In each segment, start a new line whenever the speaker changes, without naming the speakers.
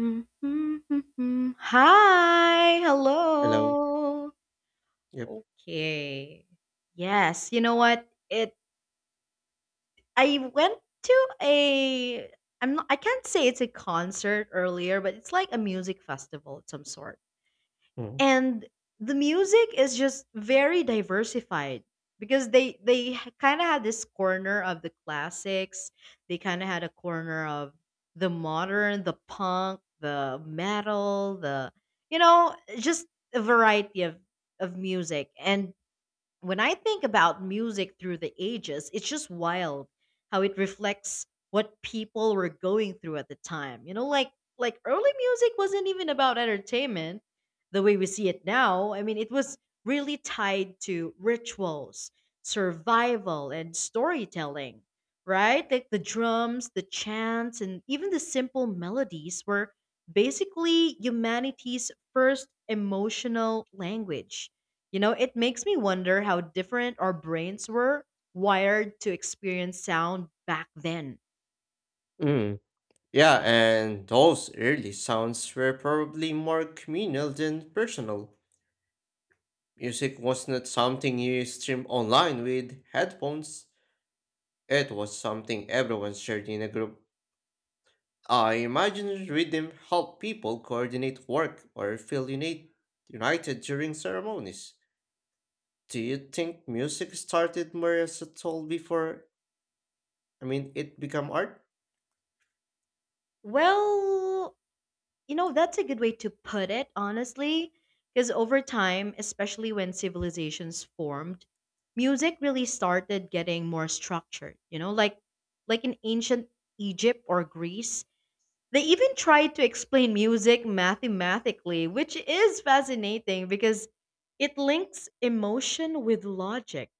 Mm-hmm. Hi,
Hello.
hello.
Yep.
Okay. Yes, you know what? It I went to a, I can't say it's a concert earlier, but it's like a music festival of some sort,
Mm.
and the music is just very diversified because they kind of had this corner of the classics. They kind of had a corner of the modern, the punk, the metal, the, you know, just a variety of music. And when I think about music through the ages, it's just wild how it reflects what people were going through at the time. You know, like early music wasn't even about entertainment the way we see it now. I mean, it was really tied to rituals, survival, and storytelling, right? Like the drums, the chants, and even the simple melodies were basically humanity's first emotional language. You know, it makes me wonder how different our brains were wired to experience sound back then.
Mm. Yeah, and those early sounds were probably more communal than personal. Music was not something you streamed online with headphones. It was something everyone shared in a group. I imagine rhythm helped people coordinate work or feel united during ceremonies. Do you think music started more as a tool before, it became art?
Well, you know, that's a good way to put it, honestly, because over time, especially when civilizations formed, music really started getting more structured, you know, like in ancient Egypt or Greece. They even tried to explain music mathematically, which is fascinating because it links emotion with logic.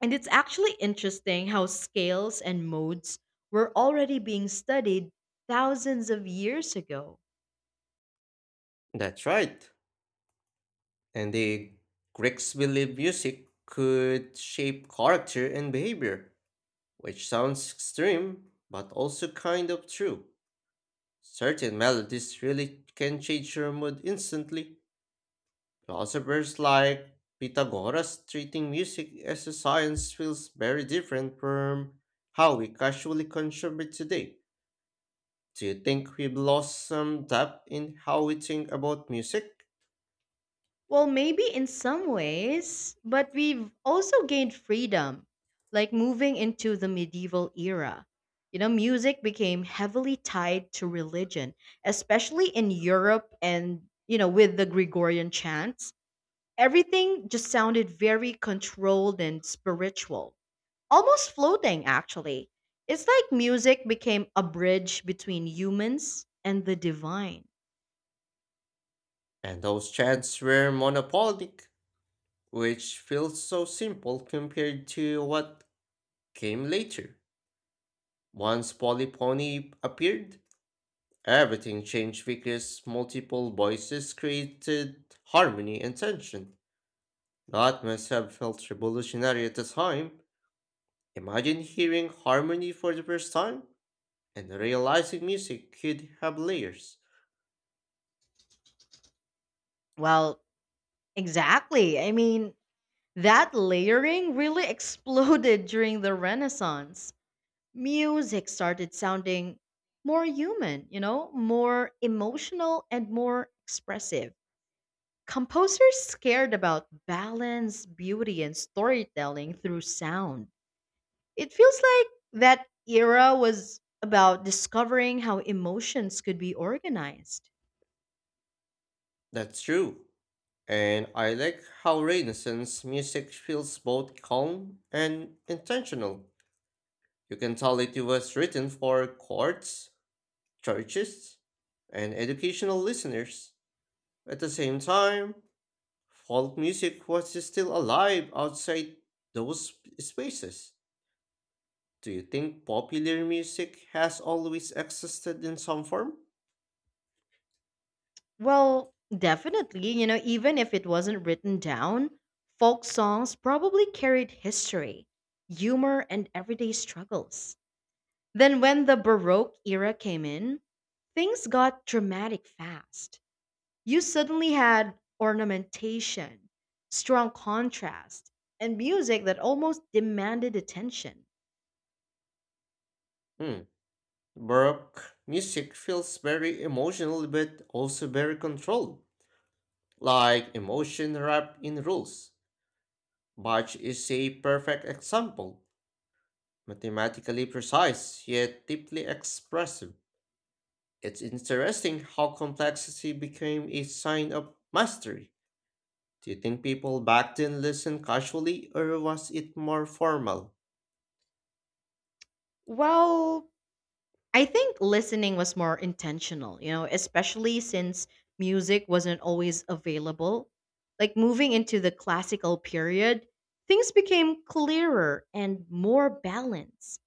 And it's actually interesting how scales and modes were already being studied thousands of years ago.
That's right. And the Greeks believed music could shape character and behavior, which sounds extreme, but also kind of true. Certain melodies really can change your mood instantly. Philosophers like Pythagoras treating music as a science feels very different from how we casually consume it today. Do you think we've lost some depth in how we think about music?
Well, maybe in some ways, but we've also gained freedom, like moving into the medieval era. You know, music became heavily tied to religion, especially in Europe and, you know, with the Gregorian chants. Everything just sounded very controlled and spiritual, almost floating actually. It's like music became a bridge between humans and the divine.
And those chants were monopolic, which feels so simple compared to what came later. Once Polyphony appeared, everything changed because multiple voices created harmony and tension. That must have felt revolutionary at the time. Imagine hearing harmony for the first time and realizing music could have layers.
Well, exactly. I mean, that layering really exploded during the Renaissance. Music started sounding more human, you know, more emotional and more expressive. Composers cared about balance, beauty, and storytelling through sound. It feels like that era was about discovering how emotions could be organized.
That's true. And I like how Renaissance music feels both calm and intentional. You can tell it was written for courts, churches, and educational listeners. At the same time, folk music was still alive outside those spaces. Do you think popular music has always existed in some form?
Well, definitely, you know, even if it wasn't written down, folk songs probably carried history, humor, and everyday struggles. Then, when the Baroque era came in, things got dramatic fast. You suddenly had ornamentation, strong contrast, and music that almost demanded attention.
Hmm. Baroque music feels very emotional but also very controlled, like emotion wrapped in rules. Bach is a perfect example. Mathematically precise, yet deeply expressive. It's interesting how complexity became a sign of mastery. Do you think people back then listened casually, or was it more formal?
Well, I think listening was more intentional, you know, especially since music wasn't always available. Like moving into the classical period, things became clearer and more balanced.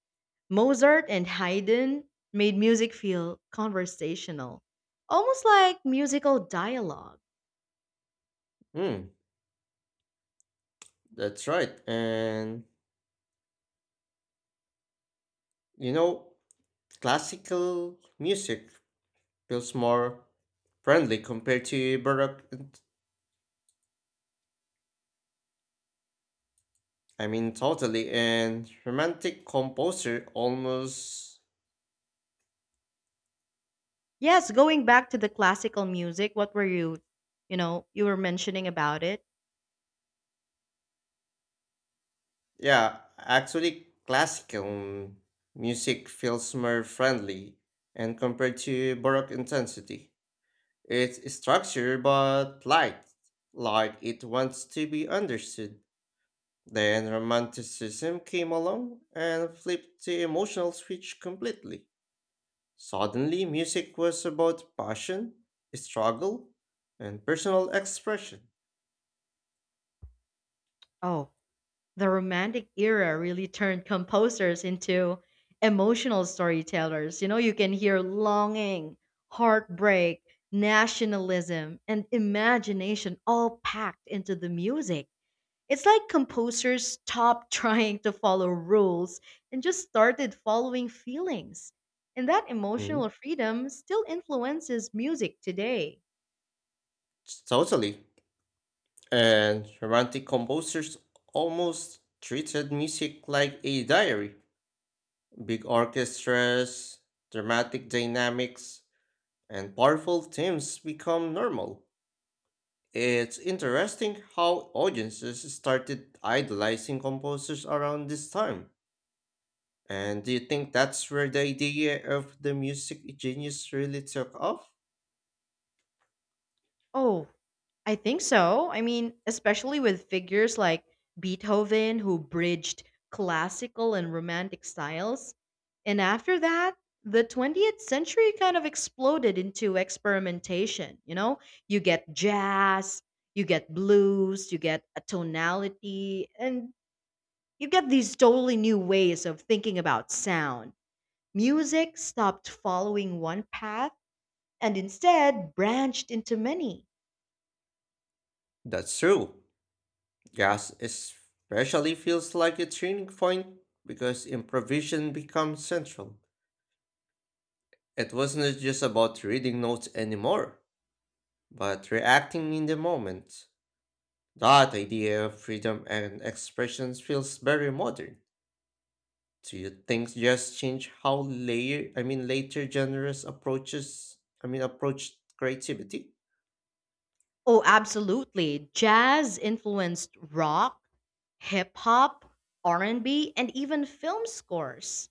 Mozart and Haydn made music feel conversational, almost like musical dialogue.
Hmm, that's right. And you know, classical music feels more friendly compared to Baroque, I mean, totally, and romantic composer almost.
Yes, going back to the classical music, what were you, you know, you were mentioning about it?
Yeah, actually, classical music feels more friendly and compared to Baroque intensity. It's structured but light, like it wants to be understood. Then Romanticism came along and flipped the emotional switch completely. Suddenly, music was about passion, struggle, and personal expression.
Oh, the Romantic era really turned composers into emotional storytellers. You know, you can hear longing, heartbreak, nationalism, and imagination all packed into the music. It's like composers stopped trying to follow rules and just started following feelings. And that emotional
Mm,
freedom still influences music today.
totally. And romantic composers almost treated music like a diary. Big orchestras, dramatic dynamics, and powerful themes become normal. It's interesting how audiences started idolizing composers around this time. And do you think that's where the idea of the music genius really took off?
Oh, I think so. I mean, especially with figures like Beethoven, who bridged classical and romantic styles. And after that, the 20th century kind of exploded into experimentation. You know, you get jazz, you get blues, you get a tonality, and you get these totally new ways of thinking about sound. Music stopped following one path and instead branched into many.
That's true. Jazz especially feels like a turning point because improvisation becomes central. It wasn't just about reading notes anymore, but reacting in the moment. That idea of freedom and expression feels very modern. Do you think just change how layer I mean later genres approaches I mean approach creativity?
Oh, absolutely. Jazz influenced rock, hip hop, R&B, and B, and even film scores.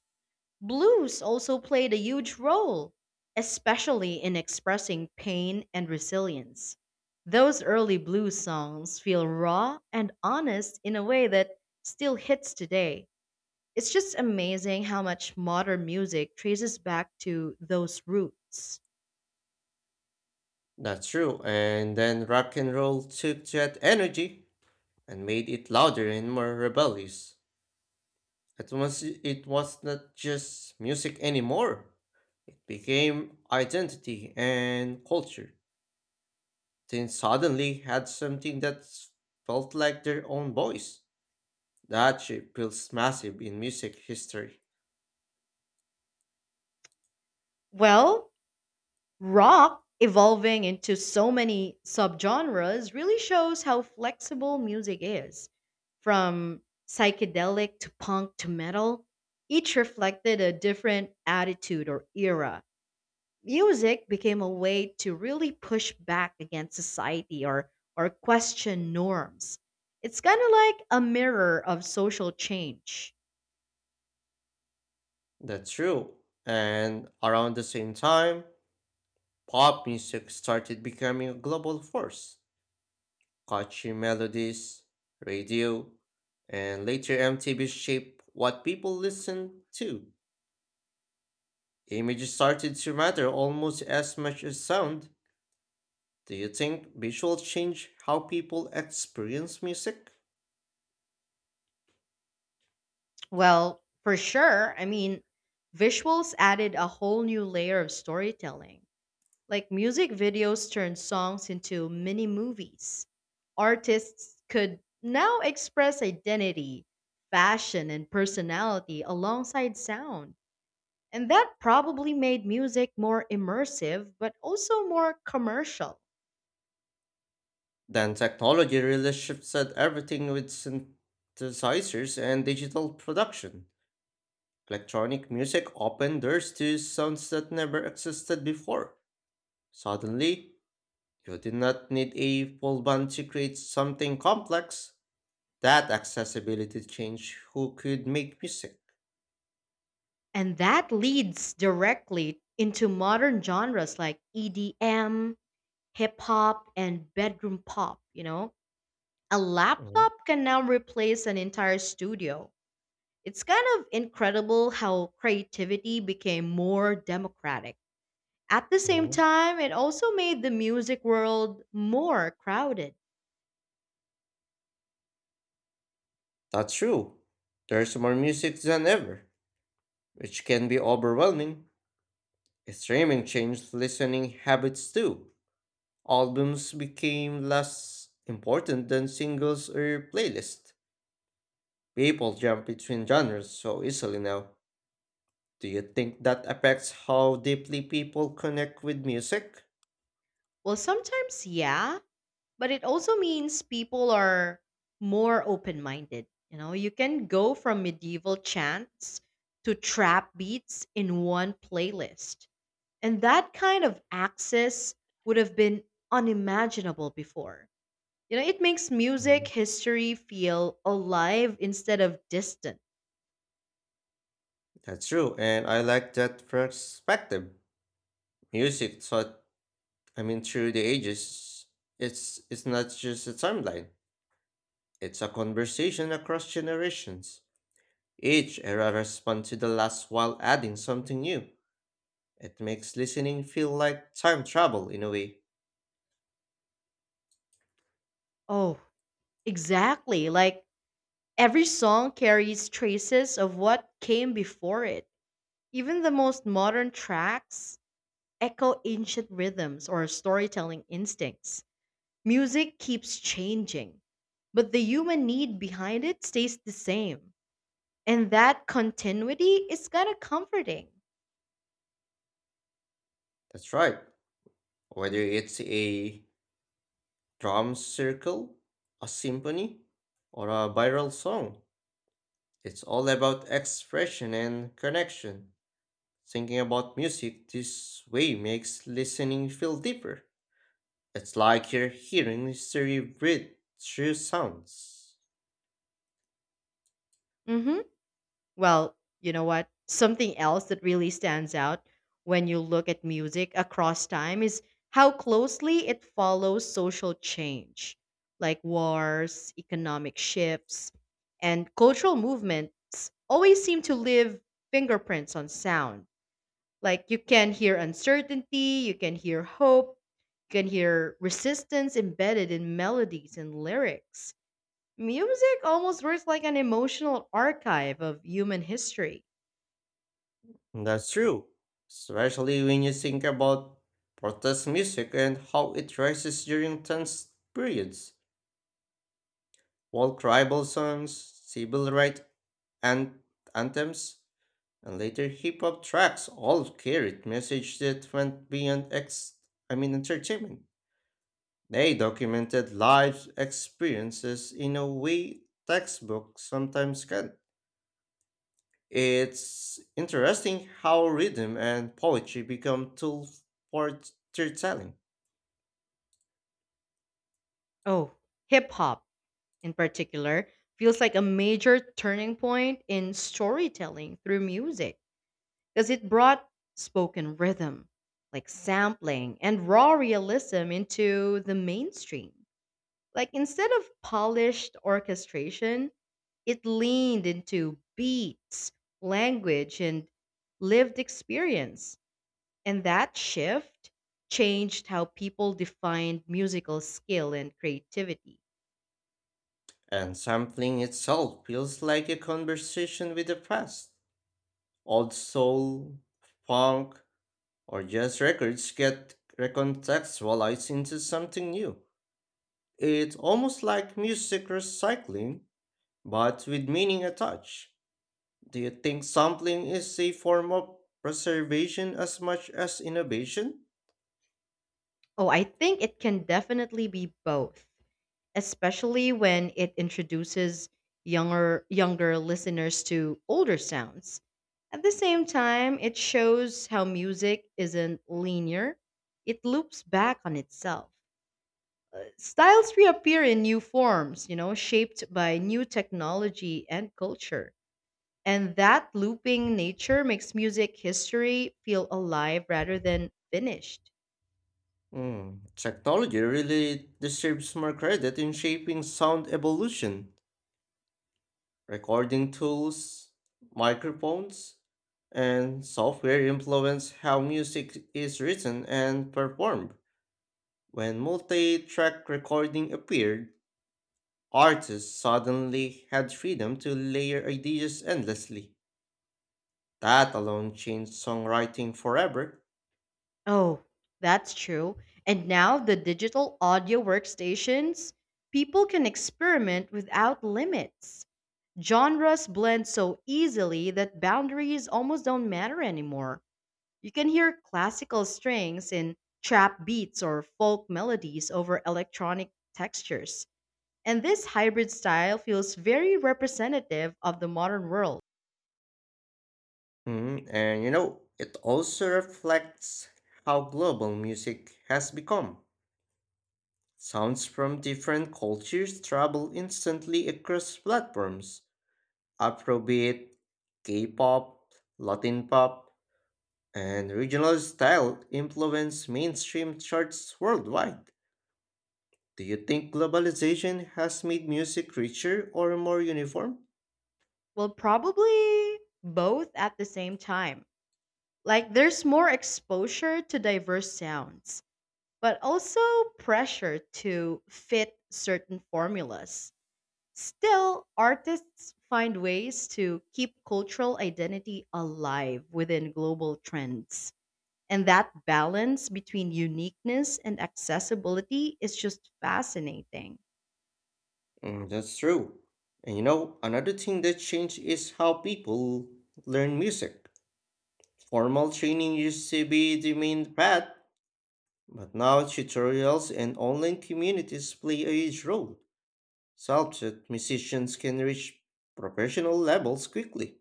Blues also played a huge role, especially in expressing pain and resilience. Those early blues songs feel raw and honest in a way that still hits today. It's just amazing how much modern music traces back to those roots.
That's true. And then rock and roll took that energy and made it louder and more rebellious. It was not just music anymore. It became identity and culture. Then suddenly had something that felt like their own voice. That shape feels massive in music history.
Well, rock evolving into so many subgenres really shows how flexible music is. From psychedelic to punk to metal, each reflected a different attitude or era. Music became a way to really push back against society, or question norms. It's kind of like a mirror of social change.
That's true. And around the same time, pop music started becoming a global force. Catchy melodies, radio, and later MTV shaped what people listened to. Images started to matter almost as much as sound. Do you think visuals change how people experience music?
Well, for sure, I mean, visuals added a whole new layer of storytelling. Like music videos turned songs into mini movies. Artists could now express identity, fashion, and personality alongside sound. And that probably made music more immersive, but also more commercial.
Then technology really shifted everything with synthesizers and digital production. Electronic music opened doors to sounds that never existed before. Suddenly, you did not need a full band to create something complex. That accessibility changed who could make music.
And that leads directly into modern genres like EDM, hip hop, and bedroom pop, you know? A
Mhm,
laptop can now replace an entire studio. It's kind of incredible how creativity became more democratic. At the same
mhm.
time, it also made the music world more crowded.
That's true. There's more music than ever, which can be overwhelming. Streaming changed listening habits too. Albums became less important than singles or playlists. People jump between genres so easily now. Do you think that affects how deeply people connect with music?
Well, sometimes, yeah, but it also means people are more open minded. You know, you can go from medieval chants to trap beats in one playlist. And that kind of access would have been unimaginable before. You know, it makes music
Mm.
history feel alive instead of distant.
That's true, and I like that perspective. Music thought, I mean, through the ages, it's not just a timeline. It's a conversation across generations. Each era responds to the last while adding something new. It makes listening feel like time travel in a way.
Oh, exactly. Like every song carries traces of what came before it. Even the most modern tracks echo ancient rhythms or storytelling instincts. Music keeps changing, but the human need behind it stays the same. And that continuity is kind of comforting.
That's right. Whether it's a drum circle, a symphony, or a viral song. It's all about expression and connection. Thinking about music this way makes listening feel deeper. It's like you're hearing history breathe through sounds.
Mhm. Well, you know what? Something else that really stands out when you look at music across time is how closely it follows social change, like wars, economic shifts, and cultural movements always seem to leave fingerprints on sound. Like you can hear uncertainty, you can hear hope, you can hear resistance embedded in melodies and lyrics. Music almost works like an emotional archive of human history.
That's true, especially when you think about protest music and how it rises during tense periods. While tribal songs, civil rights, and anthems and later hip hop tracks all carried messages that went beyond ex I mean entertainment. They documented life experiences in a way textbooks sometimes can. It's interesting how rhythm and poetry become tools for storytelling,
Oh, hip hop in particular feels like a major turning point in storytelling through music because it brought spoken rhythm, like sampling and raw realism into the mainstream. Like instead of polished orchestration, it leaned into beats, language, and lived experience. And that shift changed how people defined musical skill and creativity.
and sampling itself feels like a conversation with the past. Old soul, funk, or jazz records get recontextualized into something new. It's almost like music recycling, but with meaning attached. Do you think sampling is a form of preservation as much as innovation?
Oh, I think it can definitely be both, especially when it introduces younger listeners to older sounds. At the same time, it shows how music isn't linear. It loops back on itself. Styles reappear in new forms, you know, shaped by new technology and culture. And that looping nature makes music history feel alive rather than finished.
Hmm, technology really deserves more credit in shaping sound evolution. Recording tools, microphones, and software influence how music is written and performed. When multi track recording appeared, artists suddenly had freedom to layer ideas endlessly. That alone changed songwriting forever.
Oh, that's true. And now the digital audio workstations, people can experiment without limits. Genres blend so easily that boundaries almost don't matter anymore. You can hear classical strings in trap beats or folk melodies over electronic textures. And this hybrid style feels very representative of the modern world.
Mhm, and you know, it also reflects how global music has become. Sounds from different cultures travel instantly across platforms. Afrobeat, K-pop, Latin pop, and regional style influence mainstream charts worldwide. Do you think globalization has made music richer or more uniform?
Well, probably both at the same time. Like there's more exposure to diverse sounds, but also pressure to fit certain formulas. Still, artists find ways to keep cultural identity alive within global trends. And that balance between uniqueness and accessibility is just fascinating.
Mm, that's true. And you know, another thing that changed is how people learn music. Formal training used to be the main path, but now tutorials and online communities play a huge role, such that musicians can reach professional levels quickly.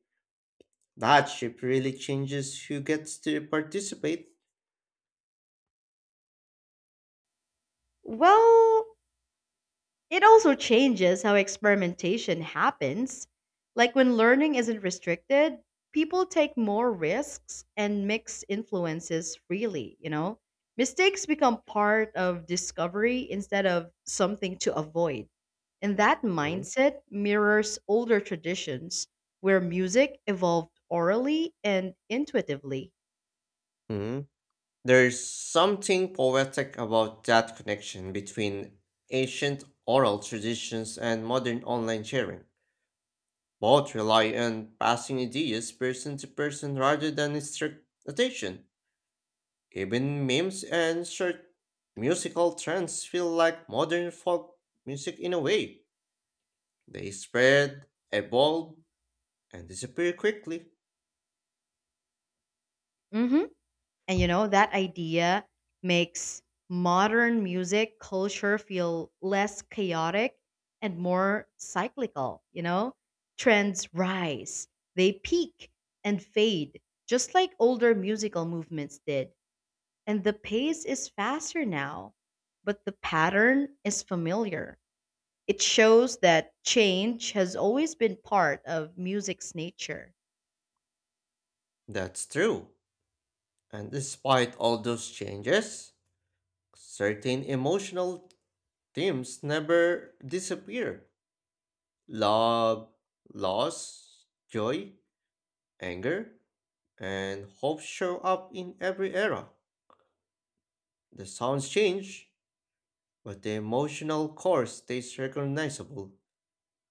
That shift really changes who gets to participate.
Well, it also changes how experimentation happens. Like when learning isn't restricted, people take more risks and mix influences freely, you know? Mistakes become part of discovery instead of something to avoid. And that mindset mirrors older traditions where music evolved orally and intuitively.
Mhm. There's something poetic about that connection between ancient oral traditions and modern online sharing. Both rely on passing ideas person to person rather than strict notation. Even memes and short musical trends feel like modern folk music in a way. They spread, evolve, and disappear quickly.
Mhm. And you know, that idea makes modern music culture feel less chaotic and more cyclical, you know? Trends rise, they peak and fade, just like older musical movements did. And the pace is faster now, but the pattern is familiar. It shows that change has always been part of music's nature.
That's true. And despite all those changes, certain emotional themes never disappear: love, loss, joy, anger, and hope show up in every era. The sounds change, but the emotional core stays recognizable.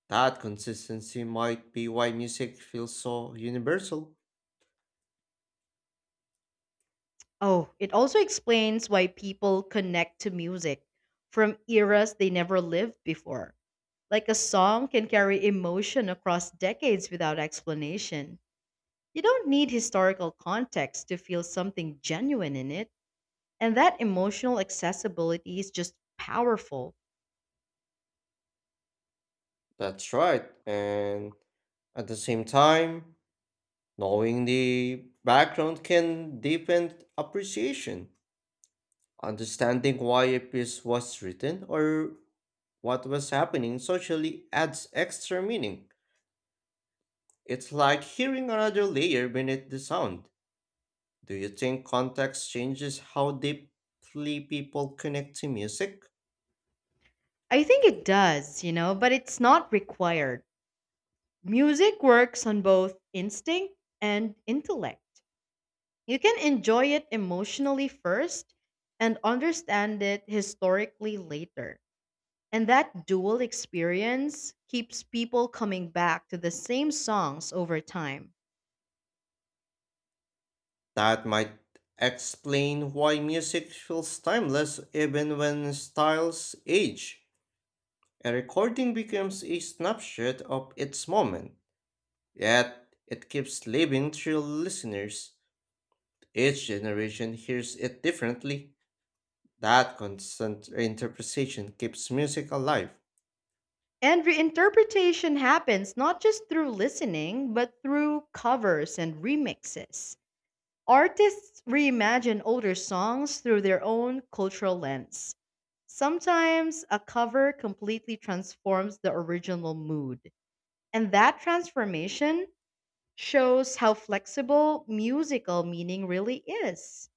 That consistency might be why music feels so universal.
Oh, it also explains why people connect to music from eras they never lived before. Like a song can carry emotion across decades without explanation. You don't need historical context to feel something genuine in it. And that emotional accessibility is just powerful.
That's right, and at the same time, knowing the background can deepen appreciation, understanding why a piece was written or what was happening socially adds extra meaning. It's like hearing another layer beneath the sound. Do you think context changes how deeply people connect to music?
I think it does, you know, but it's not required. Music works on both instinct and intellect. You can enjoy it emotionally first and understand it historically later. And that dual experience keeps people coming back to the same songs over time.
That might explain why music feels timeless even when styles age. A recording becomes a snapshot of its moment, yet it keeps living through listeners. Each generation hears it differently. That constant interpretation keeps music alive.
And reinterpretation happens not just through listening, but through covers and remixes. Artists reimagine older songs through their own cultural lens. Sometimes a cover completely transforms the original mood. And that transformation shows how flexible musical meaning really is.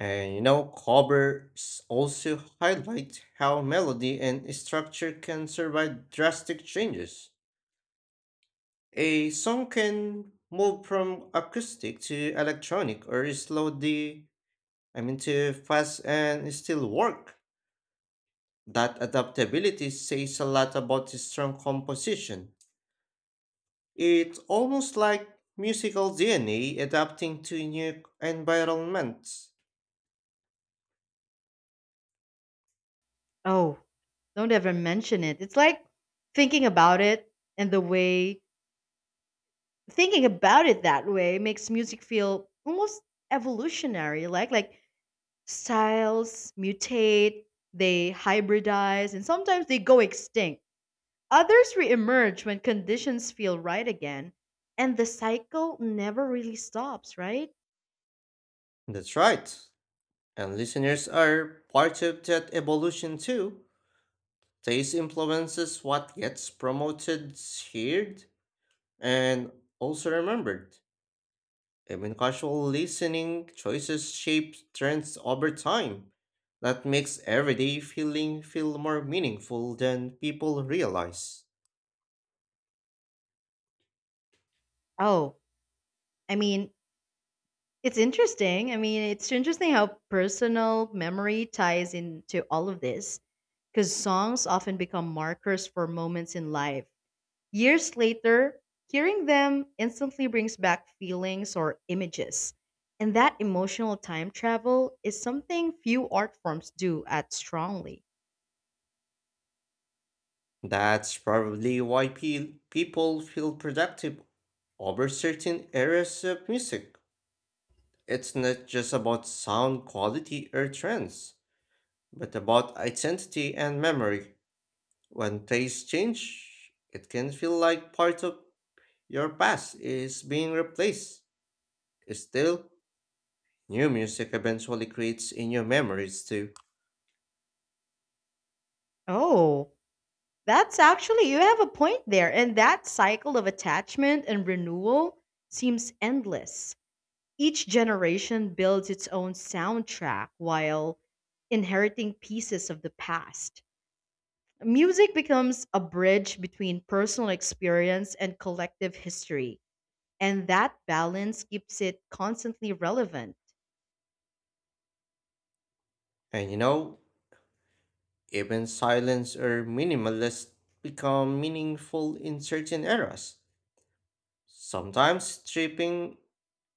And you know, covers also highlight how melody and structure can survive drastic changes. A song can move from acoustic to electronic or slow the I mean to fast and still work. That adaptability says a lot about the strong composition. It's almost like musical DNA adapting to new environments.
Oh, don't ever mention it. It's like thinking about it, and the way thinking about it that way makes music feel almost evolutionary, like styles mutate, they hybridize, and sometimes they go extinct. Others reemerge when conditions feel right again, and the cycle never really stops, right?
That's right. And listeners are part of that evolution too. Taste influences what gets promoted, shared, and also remembered. Even casual listening choices shape trends over time. That makes everyday feeling feel more meaningful than people realize.
Oh, I mean, it's interesting how personal memory ties into all of this because songs often become markers for moments in life. Years later, hearing them instantly brings back feelings or images. And that emotional time travel is something few art forms do at strongly.
That's probably why people feel productive over certain areas of music. It's not just about sound quality or trends, but about identity and memory. When tastes change, it can feel like part of your past is being replaced. Still, new music eventually creates in your memories too.
Oh, that's actually, you have a point there. And that cycle of attachment and renewal seems endless. Each generation builds its own soundtrack while inheriting pieces of the past. Music becomes a bridge between personal experience and collective history, and that balance keeps it constantly relevant.
And you know, even silence or minimalist become meaningful in certain eras. Sometimes stripping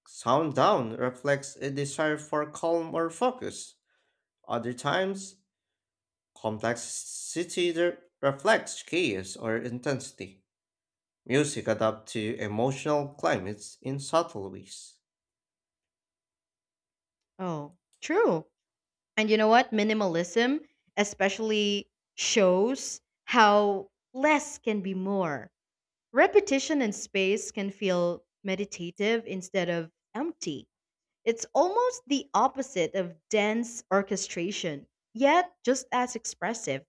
sound down reflects a desire for calm or focus. Other times, complexity reflects chaos or intensity. Music adapts to emotional climates in subtle ways.
Oh, true. And you know what? Minimalism especially shows how less can be more. Repetition and space can feel meditative instead of empty. It's almost the opposite of dense orchestration, yet just as expressive.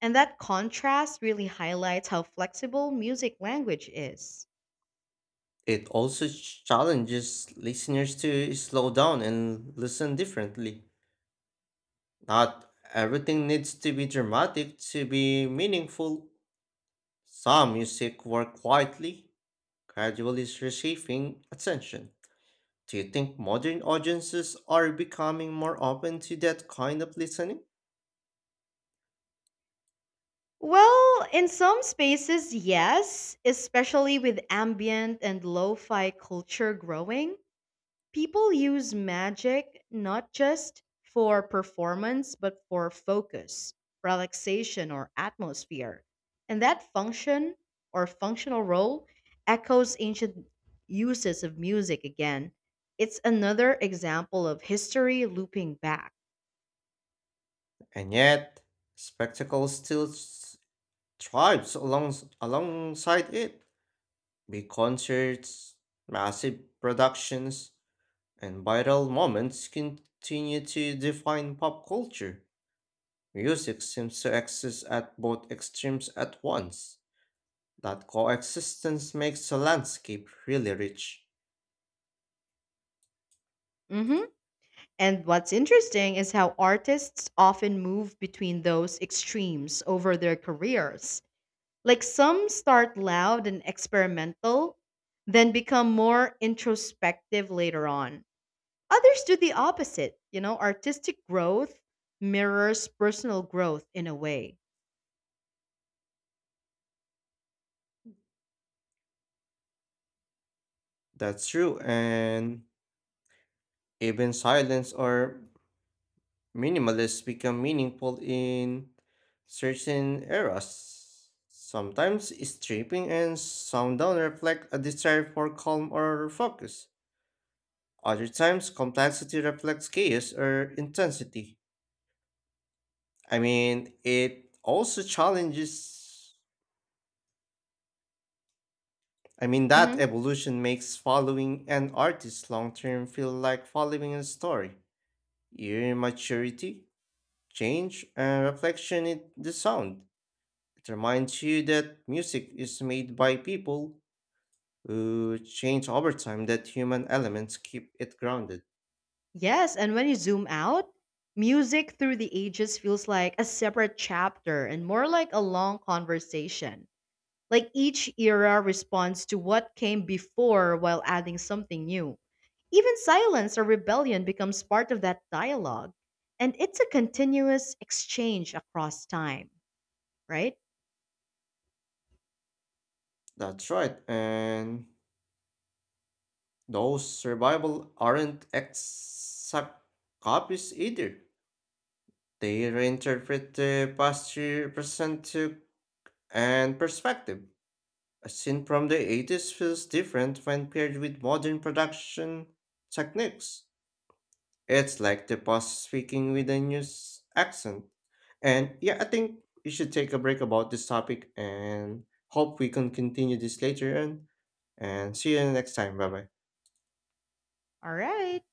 And that contrast really highlights how flexible music language is.
It also challenges listeners to slow down and listen differently. Not everything needs to be dramatic to be meaningful. Some music works quietly, gradually reshaping attention. Do you think modern audiences are becoming more open to that kind of listening?
Well, in some spaces, yes, especially with ambient and lo fi culture growing. People use magic not just for performance, but for focus, relaxation, or atmosphere. And that functional role echoes ancient uses of music again. It's another example of history looping back.
And yet, spectacle thrives along, alongside it. Big concerts, massive productions, and viral moments continue to define pop culture. Music seems to exist at both extremes at once. That coexistence makes the landscape really rich.
Hmm. And what's interesting is how artists often move between those extremes over their careers. Like some start loud and experimental, then become more introspective later on. Others do the opposite. You know, artistic growth mirrors personal growth in a way.
That's true, and even silence or minimalists become meaningful in certain eras. Sometimes stripping and sound down reflect a desire for calm or focus. Other times, complexity reflects chaos or intensity. I mean, it also challenges. I mean,
Hmm.
That evolution makes following an artist long term feel like following a story. Your maturity, change, and reflection in the sound. It reminds you that music is made by people who change over time, that human elements keep it grounded.
Yes, and when you zoom out, music through the ages feels like a separate chapter and more like a long conversation. Like each era responds to what came before while adding something new. Even silence or rebellion becomes part of that dialogue. And it's a continuous exchange across time, right?
That's right, and those survival aren't exact copies either. They reinterpret the past year percentage and perspective. A scene from the 80s feels different when paired with modern production techniques. It's like the boss speaking with a accent. And yeah, I think we should take a break about this topic and hope we can continue this later on. And see you next time. Bye bye.
All right.